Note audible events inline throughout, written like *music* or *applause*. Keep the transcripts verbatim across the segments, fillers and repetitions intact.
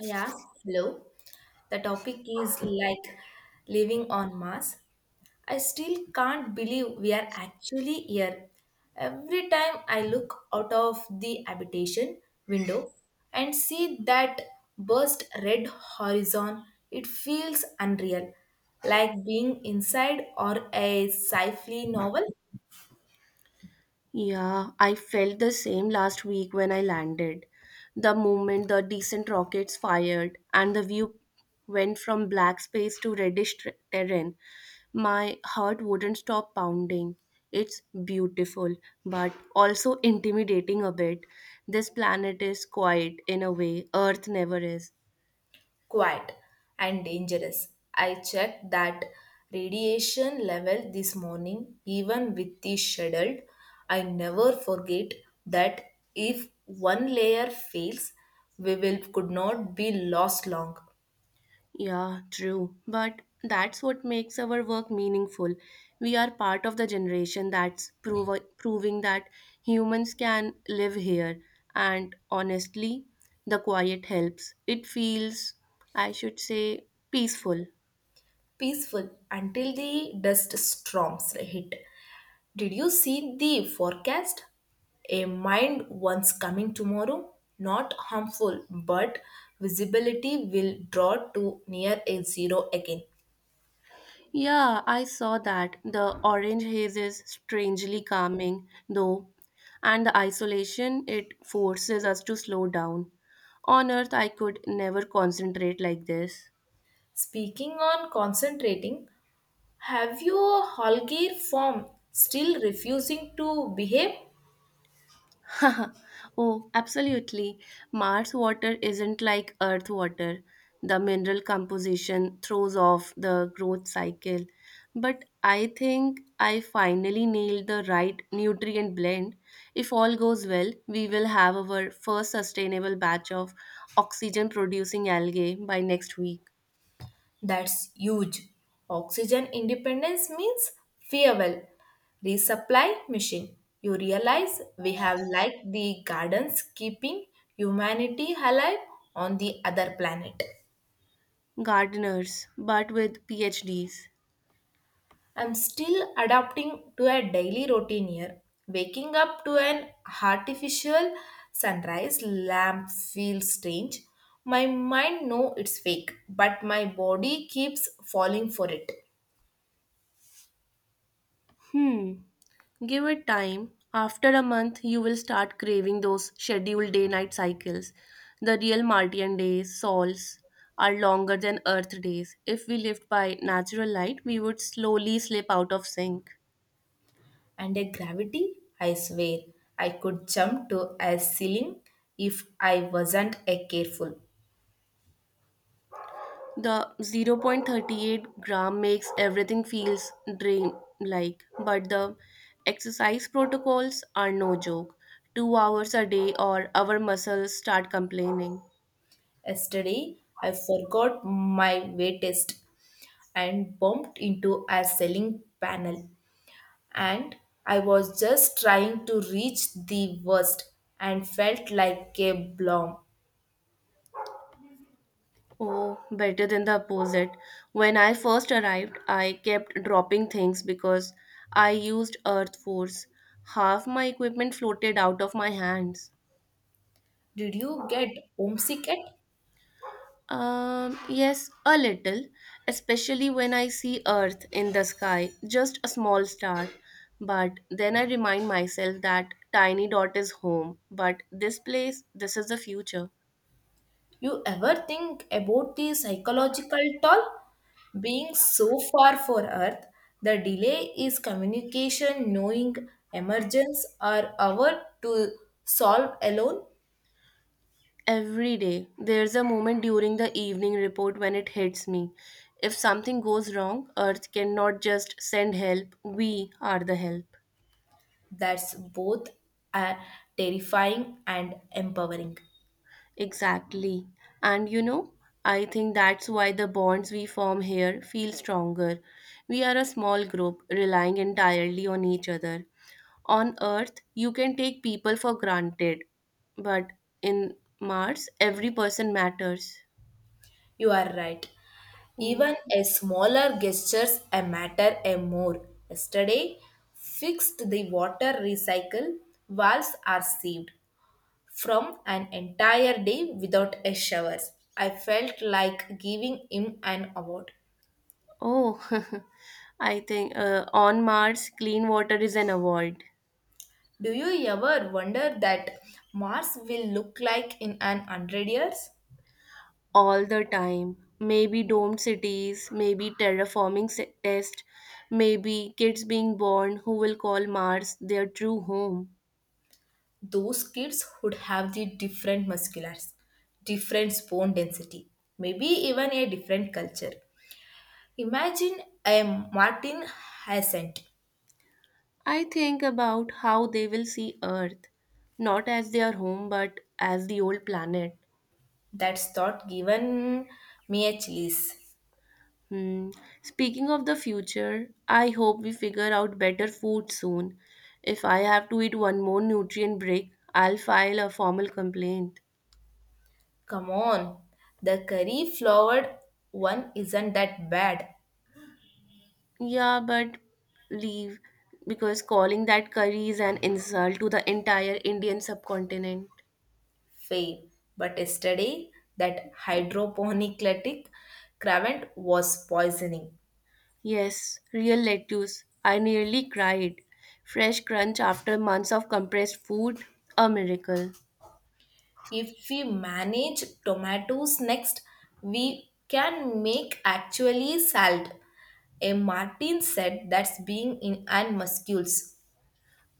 Yeah, hello. The topic is like living on Mars. I still can't believe we are actually here. Every time I look out of the habitation window and see that burst red horizon, it feels unreal, like being inside or a sci-fi novel. Yeah, I felt the same last week when I landed. The moment the decent rockets fired and the view went from black space to reddish ter- terrain, my heart wouldn't stop pounding. It's beautiful, but also intimidating a bit. This planet is quiet in a way Earth never is. Quiet and dangerous. I checked that radiation level this morning, even with the scheduled. I never forget that if one layer fails, we will could not be lost long, Yeah, true. But that's what makes our work meaningful. We are part of the generation that's prov- proving that humans can live here. And honestly, the quiet helps. It feels, I should say, peaceful. peaceful until the dust storms hit. Did you see the forecast? A mind once coming tomorrow, not harmful, but visibility will draw to near a zero again. Yeah, I saw that. The orange haze is strangely calming, though, and the isolation, it forces us to slow down. On Earth, I could never concentrate like this. Speaking on concentrating, have your a Holger form still refusing to behave? *laughs* Oh, absolutely. Mars water isn't like Earth water. The mineral composition throws off the growth cycle. But I think I finally nailed the right nutrient blend. If all goes well, we will have our first sustainable batch of oxygen producing algae by next week. That's huge. Oxygen independence means farewell. Resupply machine. You realize we have like the gardens keeping humanity alive on the other planet. Gardeners, but with PhDs. I'm still adapting to a daily routine here. Waking up to an artificial sunrise lamp feels strange. My mind knows it's fake, but my body keeps falling for it. Hmm. Give it time. After a month, you will start craving those scheduled day night cycles. The real Martian days, sols, are longer than Earth days. If we lived by natural light, we would slowly slip out of sync. And a gravity, I swear, I could jump to a ceiling if I wasn't a careful. The zero point zero point three eight gram makes everything feels dream like, but the exercise protocols are no joke. Two hours a day, or our muscles start complaining. Yesterday, I forgot my weight test and bumped into a ceiling panel. And I was just trying to reach the worst and felt like a blob. Oh, better than the opposite. When I first arrived, I kept dropping things because I used earth force. Half my equipment floated out of my hands. Did you get homesick at? Um, yes, a little, especially when I see earth in the sky, just a small star. But then I remind myself that tiny dot is home, but this place, this is the future. You ever think about the psychological toll? Being so far for Earth, the delay is communication, knowing emergence or hour to solve alone. Every day, there's a moment during the evening report when it hits me. If something goes wrong, Earth cannot just send help, we are the help. That's both uh, terrifying and empowering. Exactly. And you know, I think that's why the bonds we form here feel stronger. We are a small group relying entirely on each other. On Earth, you can take people for granted, but in Mars, every person matters. You are right. Even a smaller gestures a matter a more. Yesterday, fixed the water recycle valves are saved from an entire day without a shower. I felt like giving him an award. Oh, *laughs* I think uh, on Mars, clean water is an award. Do you ever wonder that Mars will look like in an hundred years? All the time. Maybe domed cities, maybe terraforming se- test, maybe kids being born who will call Mars their true home. Those kids would have the different musculars, different bone density, maybe even a different culture. Imagine a Martin Hyacinth. I think about how they will see Earth, not as their home, but as the old planet. That's thought given me a chills. Hmm. Speaking of the future, I hope we figure out better food soon. If I have to eat one more nutrient break, I'll file a formal complaint. Come on, the curry flowered one isn't that bad, Yeah, but leave because calling that curry is an insult to the entire Indian subcontinent. fail. But yesterday, that hydroponic cravant was poisoning. Yes, real lettuce. I nearly cried. Fresh crunch after months of compressed food, a miracle. If we manage tomatoes next, we can make actually salad. A Martin said that's being in and muscles.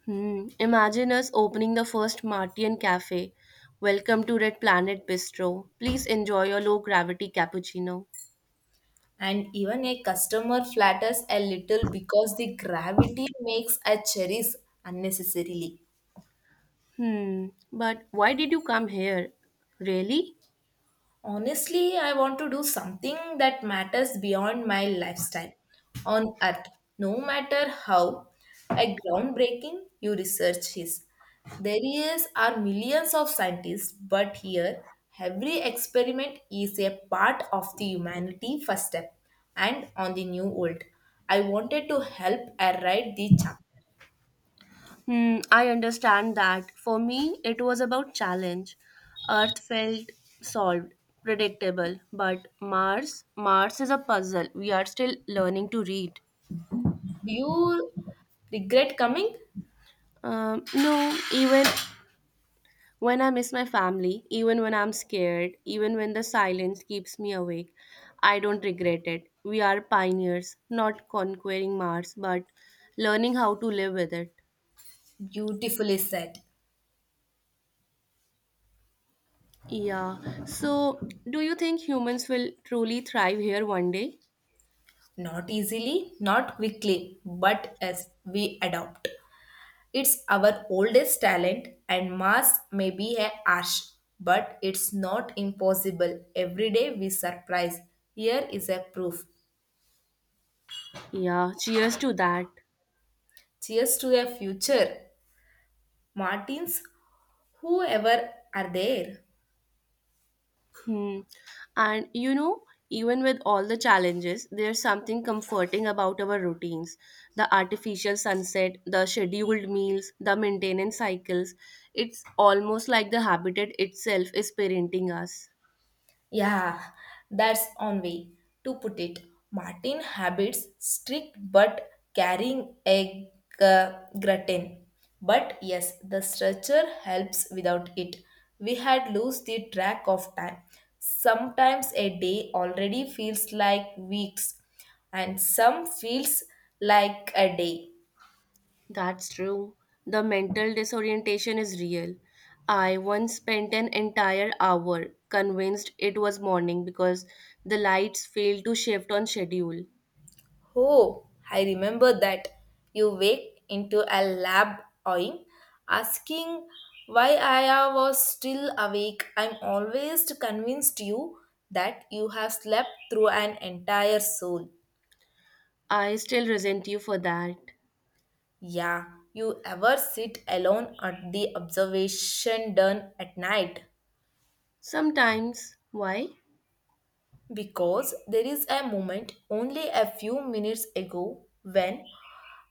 Hmm. Imagine us opening the first Martian cafe. Welcome to Red Planet Bistro. Please enjoy your low gravity cappuccino. And even a customer flatters a little because the gravity makes a cherries unnecessarily. Hmm. But why did you come here? Really? Honestly, I want to do something that matters beyond my lifestyle on earth, no matter how a groundbreaking your research is. There is are millions of scientists, but here every experiment is a part of the humanity first step and on the new world. I wanted to help I write the chapter. Hmm. I understand that. For me, it was about challenge. Earth felt solved, predictable. But Mars, Mars is a puzzle. We are still learning to read. Do you regret coming? Um, no, even when I miss my family, even when I'm scared, even when the silence keeps me awake, I don't regret it. We are pioneers, not conquering Mars, but learning how to live with it. Beautifully said. Yeah. So, do you think humans will truly thrive here one day? Not easily, not quickly, but as we adopt. It's our oldest talent, and mass may be a harsh, but it's not impossible. Every day we surprise. Here is a proof. Yeah. Cheers to that. Cheers to a future. Martins, whoever are there. Hmm. And you know, even with all the challenges, there's something comforting about our routines. The artificial sunset, the scheduled meals, the maintenance cycles. It's almost like the habitat itself is parenting us. Yeah, that's one way to put it. Martin habits strict but carrying a g- gratin. But yes, the structure helps without it. We had lost the track of time. Sometimes a day already feels like weeks, and some feels like a day. That's true. The mental disorientation is real. I once spent an entire hour convinced it was morning because the lights failed to shift on schedule. Oh, I remember that. You waked into a lab awing, asking why I was still awake. I'm always convinced you that you have slept through an entire soul. I still resent you for that. Yeah, you ever sit alone at the observation done at night? Sometimes, why? Because there is a moment only a few minutes ago when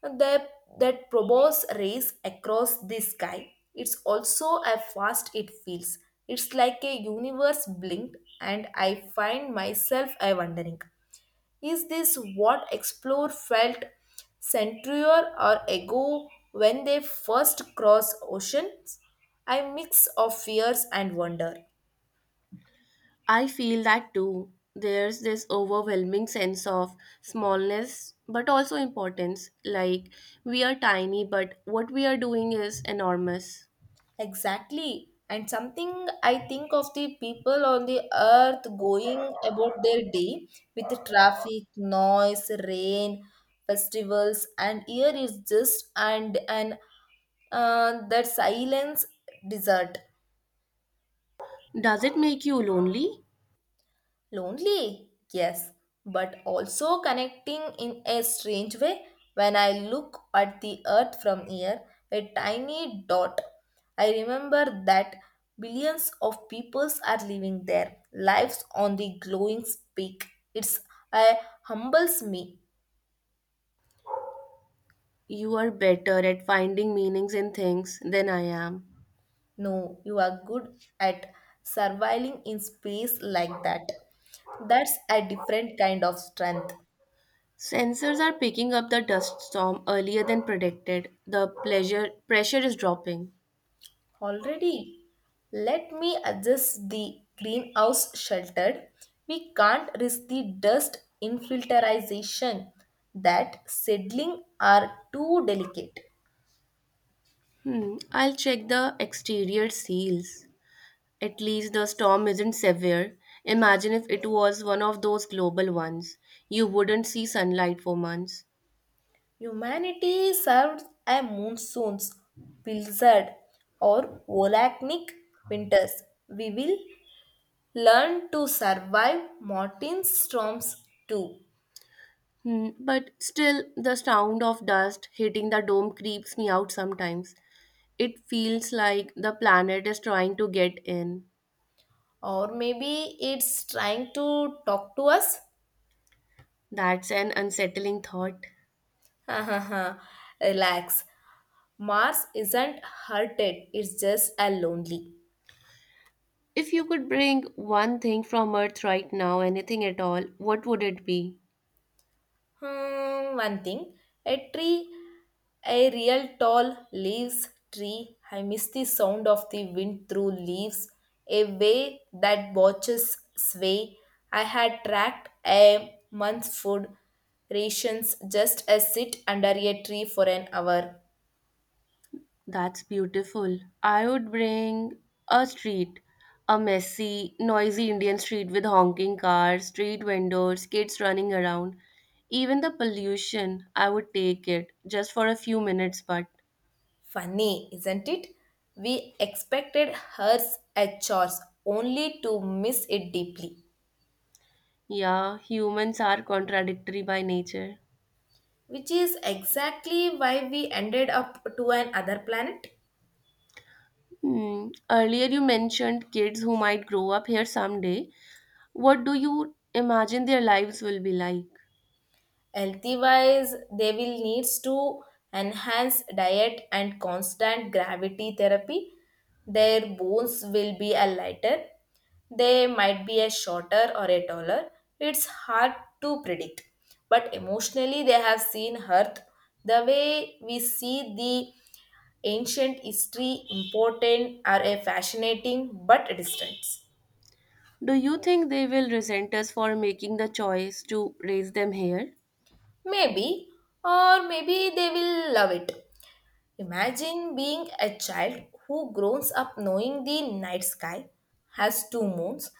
the, that probos race across the sky. It's also a fast it feels. It's like a universe blinked and I find myself a wondering. Is this what Explore felt centurior or ago when they first crossed oceans? A mix of fears and wonder. I feel that too. There's this overwhelming sense of smallness but also importance. Like, we are tiny, but what we are doing is enormous. Exactly. And something I think of the people on the earth going about their day with the traffic, noise, rain, festivals, and here is just and and uh, that silence desert. Does it make you lonely? Lonely? Yes, but also connecting in a strange way. When I look at the earth from here, a tiny dot, I remember that billions of peoples are living their lives on the glowing peak. It's uh, humbles me. You are better at finding meanings in things than I am. No, you are good at surviving in space like that. That's a different kind of strength. Sensors are picking up the dust storm earlier than predicted. The pleasure pressure is dropping. Already, let me adjust the greenhouse sheltered. We can't risk the dust infiltration. That seedling are too delicate. Hmm, I'll check the exterior seals. At least the storm isn't severe. Imagine if it was one of those global ones. You wouldn't see sunlight for months. Humanity served a monsoons, blizzard, or volcanic winters. We will learn to survive mountain storms too. Hmm, but still, the sound of dust hitting the dome creeps me out sometimes. It feels like the planet is trying to get in. Or maybe it's trying to talk to us. That's an unsettling thought. *laughs* Relax. Mars isn't hurted, it's just a lonely. If you could bring one thing from Earth right now, anything at all, what would it be? Hmm, one thing, a tree, a real tall leaves tree. I miss the sound of the wind through leaves, a way that watches sway. I had tracked a month's food rations just as sit under a tree for an hour. That's beautiful. I would bring a street, a messy, noisy Indian street with honking cars, street vendors, kids running around. Even the pollution, I would take it just for a few minutes, but Funny, isn't it? We expected hers at chores only to miss it deeply. yeah, humans are contradictory by nature. Which is exactly why we ended up to an other planet. Hmm. Earlier, you mentioned kids who might grow up here someday. What do you imagine their lives will be like? Healthy wise, they will needs to enhance diet and constant gravity therapy. Their bones will be a lighter, they might be a shorter or a taller. It's hard to predict, but emotionally they have seen earth the way we see the ancient history, important or a fascinating but distant. Do you think they will resent us for making the choice to raise them here? Maybe, or maybe they will love it. Imagine being a child who grows up knowing the night sky has two moons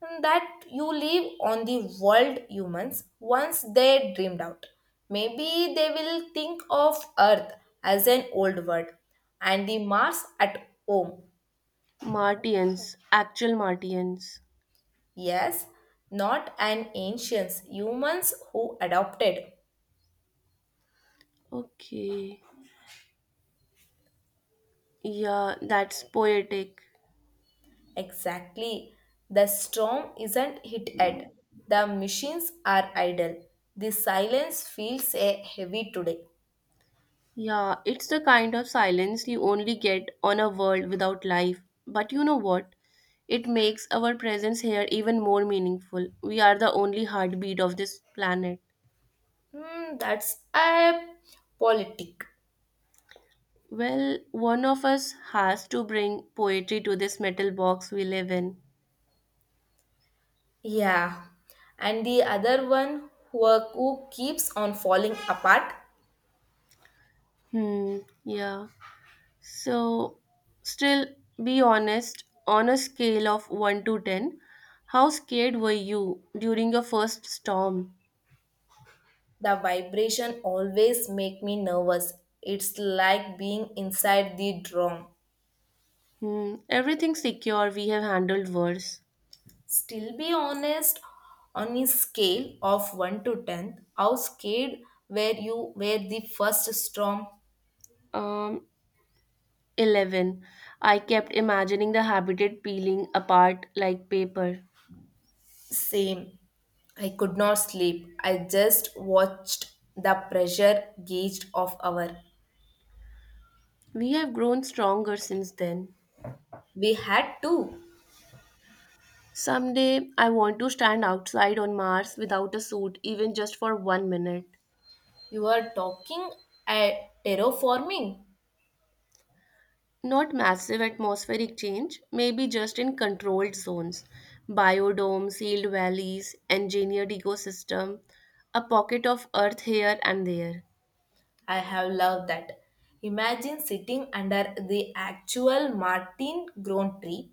and that you live on the world humans once they dreamed out. Maybe they will think of Earth as an old world and the Mars at home. Martians, actual Martians. Yes, not an ancients, humans who adopted. Okay. Yeah, that's poetic. Exactly. The storm isn't hit yet. The machines are idle. The silence feels eh, heavy today. Yeah, it's the kind of silence you only get on a world without life. But you know what? It makes our presence here even more meaningful. We are the only heartbeat of this planet. Hmm, that's a politic. Well, one of us has to bring poetry to this metal box we live in. Yeah. And the other one who, who keeps on falling apart. Hmm, yeah. So, still be honest, on a scale of one to ten, how scared were you during your first storm? The vibration always make me nervous. It's like being inside the drum. Hmm, everything secure, we have handled worse. Still be honest on a scale of one to ten. How scared were you were the first storm? Um, eleven. I kept imagining the habitat peeling apart like paper. Same. I could not sleep. I just watched the pressure gauge of our. We have grown stronger since then. We had to. Someday, I want to stand outside on Mars without a suit, even just for one minute. You are talking at terraforming. Not massive atmospheric change, maybe just in controlled zones. Biodome, sealed valleys, engineered ecosystem, a pocket of earth here and there. I have loved that. Imagine sitting under the actual Martin grown tree.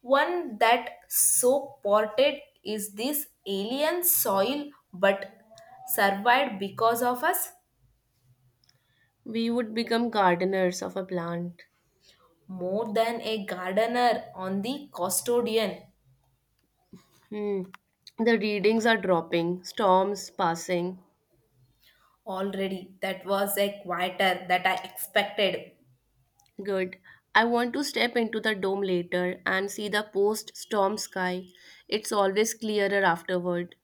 One that so ported is this alien soil but survived because of us, We would become gardeners of a plant. more than a gardener on the custodian Hmm. The readings are dropping, storms passing. already. That was a quieter that I expected. Good. I want to step into the dome later and see the post storm sky. It's always clearer afterward.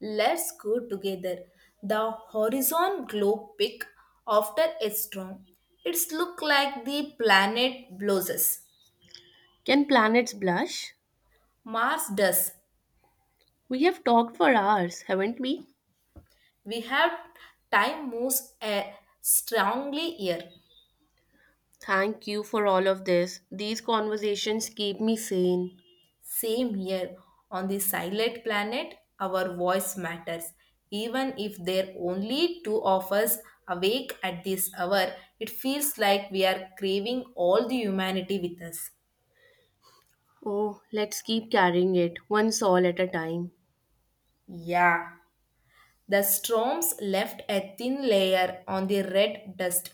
Let's go together. The horizon glow pick after a storm. It's look like the planet blows. Can planets blush? Mars does. We have talked for hours, haven't we? We have time moves uh, strongly here. Thank you for all of this. These conversations keep me sane. Same here. On the silent planet, our voice matters. Even if there are only two of us awake at this hour, it feels like we are craving all the humanity with us. Oh, let's keep carrying it, one soul at a time. Yeah. The storms left a thin layer on the red dust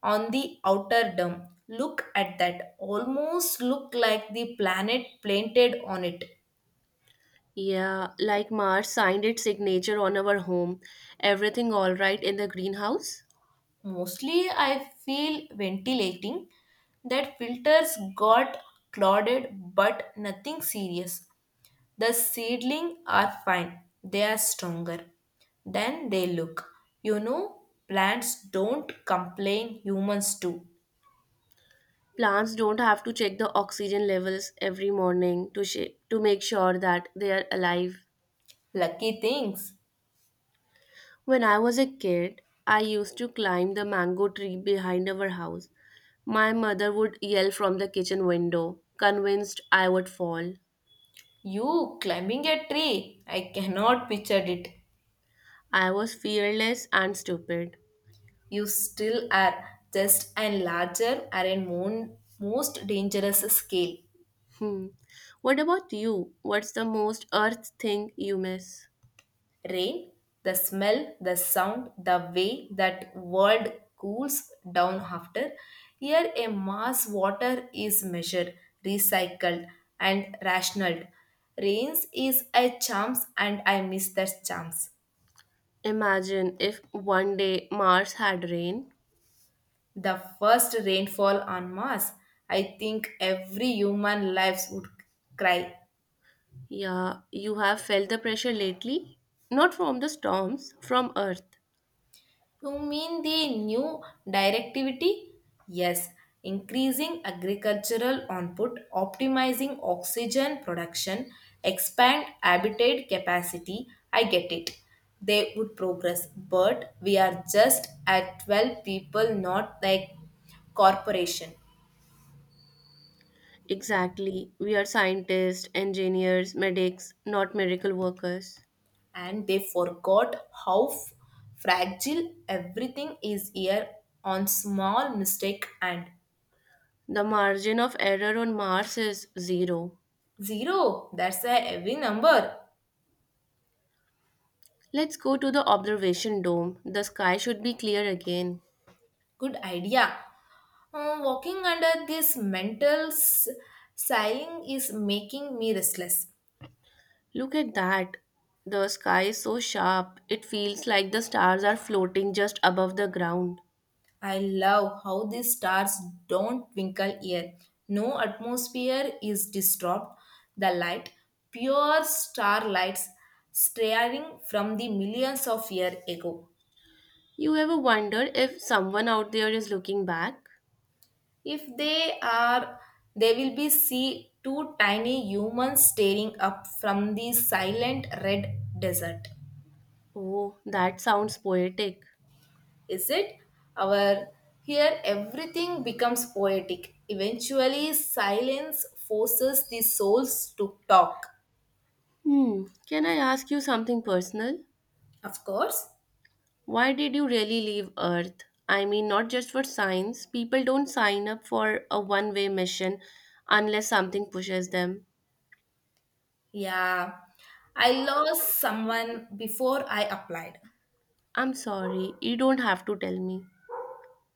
on the outer dome. Look at that. Almost look like the planet planted on it. Yeah, like Mars signed its signature on our home. Everything all right in the greenhouse? Mostly, I feel ventilating that filters got clouded, but nothing serious. The seedling are fine, they are stronger than they look. You know, plants don't complain, humans do. Plants don't have to check the oxygen levels every morning to sh- to make sure that they are alive. Lucky things. When I was a kid, I used to climb the mango tree behind our house. My mother would yell from the kitchen window, convinced I would fall. You climbing a tree, I cannot picture it. I was fearless and stupid. You still are just and larger are in mon- most dangerous scale. Hmm. What about you? What's the most Earth thing you miss? Rain, the smell, the sound, the way that world cools down after. Here a mass water is measured, recycled and rationed. Rains is a chance and I miss that chance. Imagine if one day Mars had rain. The first rainfall on Mars, I think every human lives would cry. Yeah, you have felt the pressure lately? Not from the storms, from Earth. You mean the new directivity? Yes, increasing agricultural output, optimizing oxygen production, expand habitat capacity. I get it. They would progress, but we are just at twelve people, not like corporation. Exactly. We are scientists, engineers, medics, not miracle workers. And they forgot how f- fragile everything is here on small mistake and The margin of error on Mars is zero. zero. That's a heavy number. Let's go to the observation dome. The sky should be clear again. Good idea. Uh, walking under this mental s- ceiling is making me restless. Look at that. The sky is so sharp, it feels like the stars are floating just above the ground. I love how these stars don't twinkle here. No atmosphere is disturbed. The light, pure starlights staring from the millions of years ago. You ever wonder if someone out there is looking back? If they are, they will be see two tiny humans staring up from the silent red desert. Oh, that sounds poetic. Is it? Our here everything becomes poetic. Eventually, silence forces the souls to talk. Hmm, can I ask you something personal? Of course, Why did you really leave Earth? I mean, not just for science. People don't sign up for a one way mission unless something pushes them. yeah. I lost someone before I applied. I'm sorry, you don't have to tell me.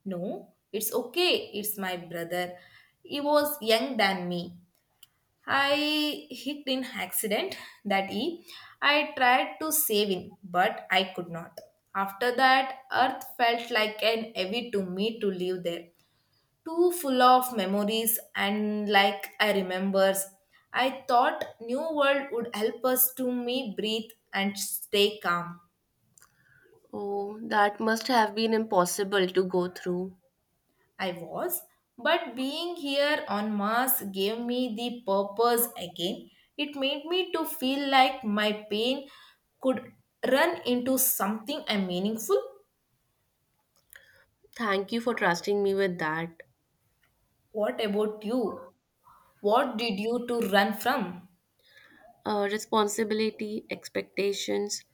No, it's okay. It's my brother. He was young than me. I hit in accident that he I tried to save him, but I could not. After that, earth felt like an heavy to me to live there. Too full of memories and like I remembers. I thought New World would help us to me breathe and stay calm. Oh, that must have been impossible to go through. I was, but being here on Mars gave me the purpose again. It made me to feel like my pain could run into something and meaningful. Thank you for trusting me with that. What about you? What did you to run from? Uh, responsibility, expectations.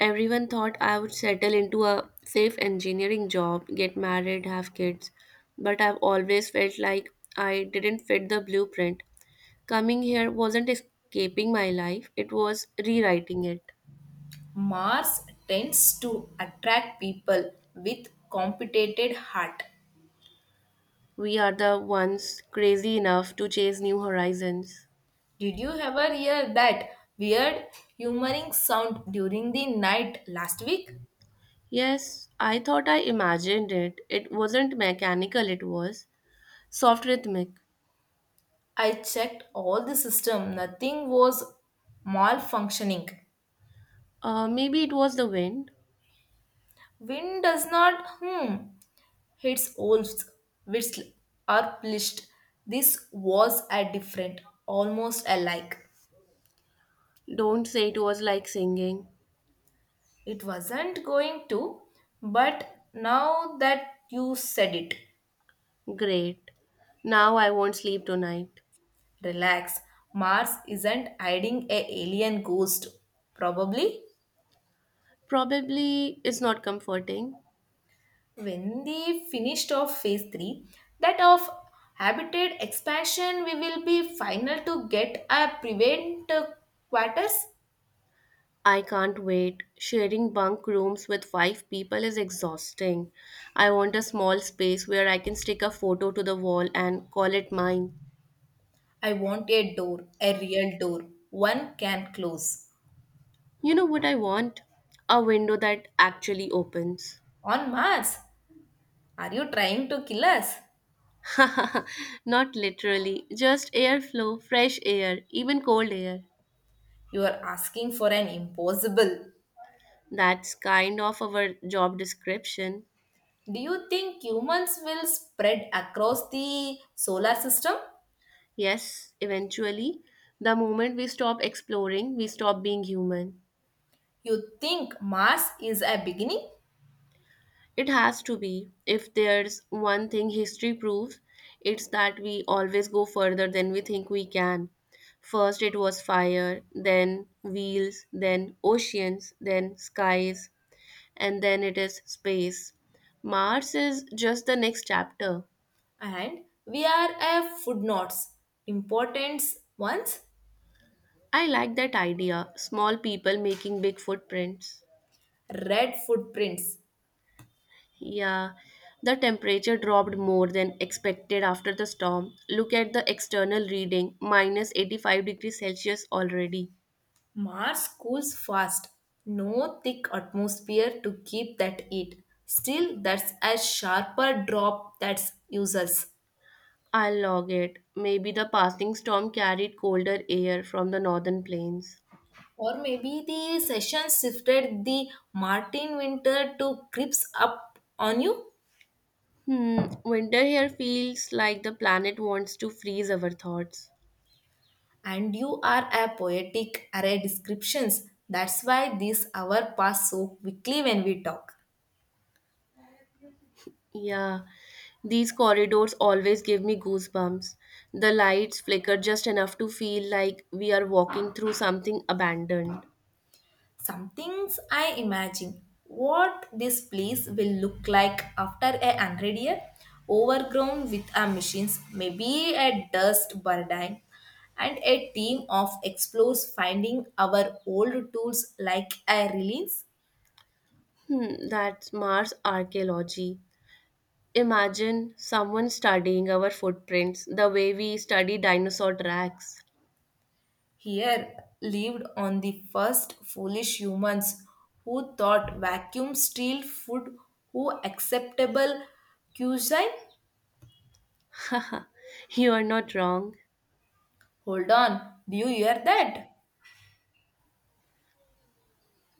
Everyone thought I would settle into a safe engineering job, get married, have kids. But I've always felt like I didn't fit the blueprint. Coming here wasn't escaping my life, it was rewriting it. Mars tends to attract people with complicated heart. We are the ones crazy enough to chase new horizons. Did you ever hear that weird humoring sound during the night last week? Yes, I thought I imagined it. It wasn't mechanical, it was soft rhythmic. I checked all the system, nothing was malfunctioning. Uh, maybe it was the wind. Wind does not hmm its wolves whistle are plished. This was a different, almost alike. Don't say it was like singing. It wasn't going to, but now that you said it. Great. Now I won't sleep tonight. Relax, Mars isn't hiding a alien ghost. Probably Probably it's not comforting. when they finished off phase three, that of habitat expansion we will be final to get a prevent uh, quarters. I can't wait. Sharing bunk rooms with five people is exhausting. I want a small space where I can stick a photo to the wall and call it mine. I want a door, a real door, one can close. You know what I want? A window that actually opens. On Mars, are you trying to kill us? *laughs* Not literally, just airflow, fresh air, even cold air. You are asking for an impossible. That's kind of our job description. Do you think humans will spread across the solar system? Yes, eventually, the moment we stop exploring, we stop being human. You think Mars is a beginning It has to be. If there's one thing history proves, it's that we always go further than we think we can. First, it was fire, then wheels, then oceans, then skies, and then it is space. Mars is just the next chapter. and we are a footnotes, important ones, I like that idea small people making big footprints. red footprints. Yeah, the temperature dropped more than expected after the storm. Look at the external reading minus eighty-five degrees Celsius already. Mars cools fast, no thick atmosphere to keep that heat. Still, that's a sharper drop that's useless. I'll log it. Maybe the passing storm carried colder air from the northern plains. Or maybe the session shifted the Martin winter to creeps up on you. Hmm, winter here feels like the planet wants to freeze our thoughts. And you are a poetic array descriptions that's why this hour pass so quickly when we talk. Yeah, these corridors always give me goosebumps. The lights flicker just enough to feel like we are walking through something abandoned. Some things I imagine what this place will look like after a hundred year, overgrown with a machines, maybe a dust burden, and a team of explorers finding our old tools like a release. Hmm, that's Mars archaeology. Imagine someone studying our footprints the way we study dinosaur tracks. Here lived on the first foolish humans who thought vacuum sealed food who acceptable cuisine. *laughs* Haha, you are not wrong. Hold on, do you hear that?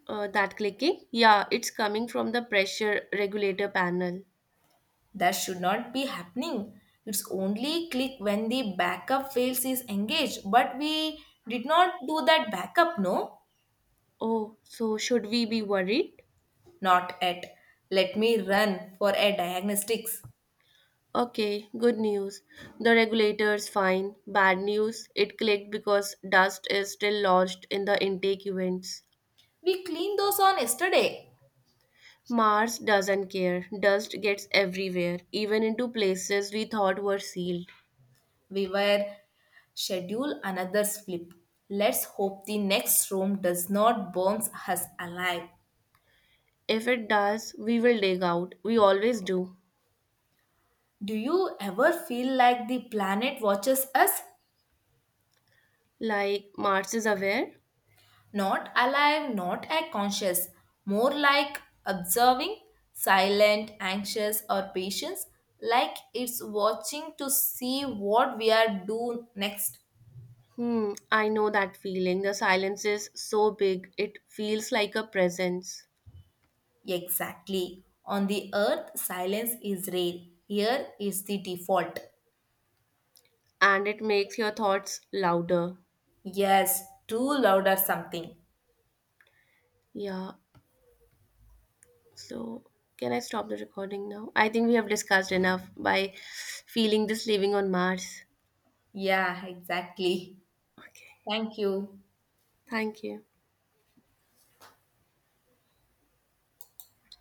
Uh, that clicking? Yeah, it's coming from the pressure regulator panel. That should not be happening. It's only click when the backup fails is engaged, but we did not do that backup, no? Oh, so should we be worried? Not yet. Let me run for a diagnostics. Okay, good news. The regulator's fine. Bad news, it clicked because dust is still lodged in the intake vents. We cleaned those on yesterday. Mars doesn't care. Dust gets everywhere, even into places we thought were sealed. We were schedule another flip. Let's hope the next room does not burn us alive. If it does, we will dig out. We always do. Do you ever feel like the planet watches us? Like Mars is aware? Not alive, not a conscious, more like observing, silent, anxious, or patient, like it's watching to see what we are do next. Hmm, I know that feeling. The silence is so big, it feels like a presence. Exactly. On the earth, silence is rare. Here is the default. And it makes your thoughts louder. Yes, too loud or something. Yeah, so can I stop the recording now? I think we have discussed enough by feeling this living on Mars. Yeah, exactly. Okay, Thank you. thank you.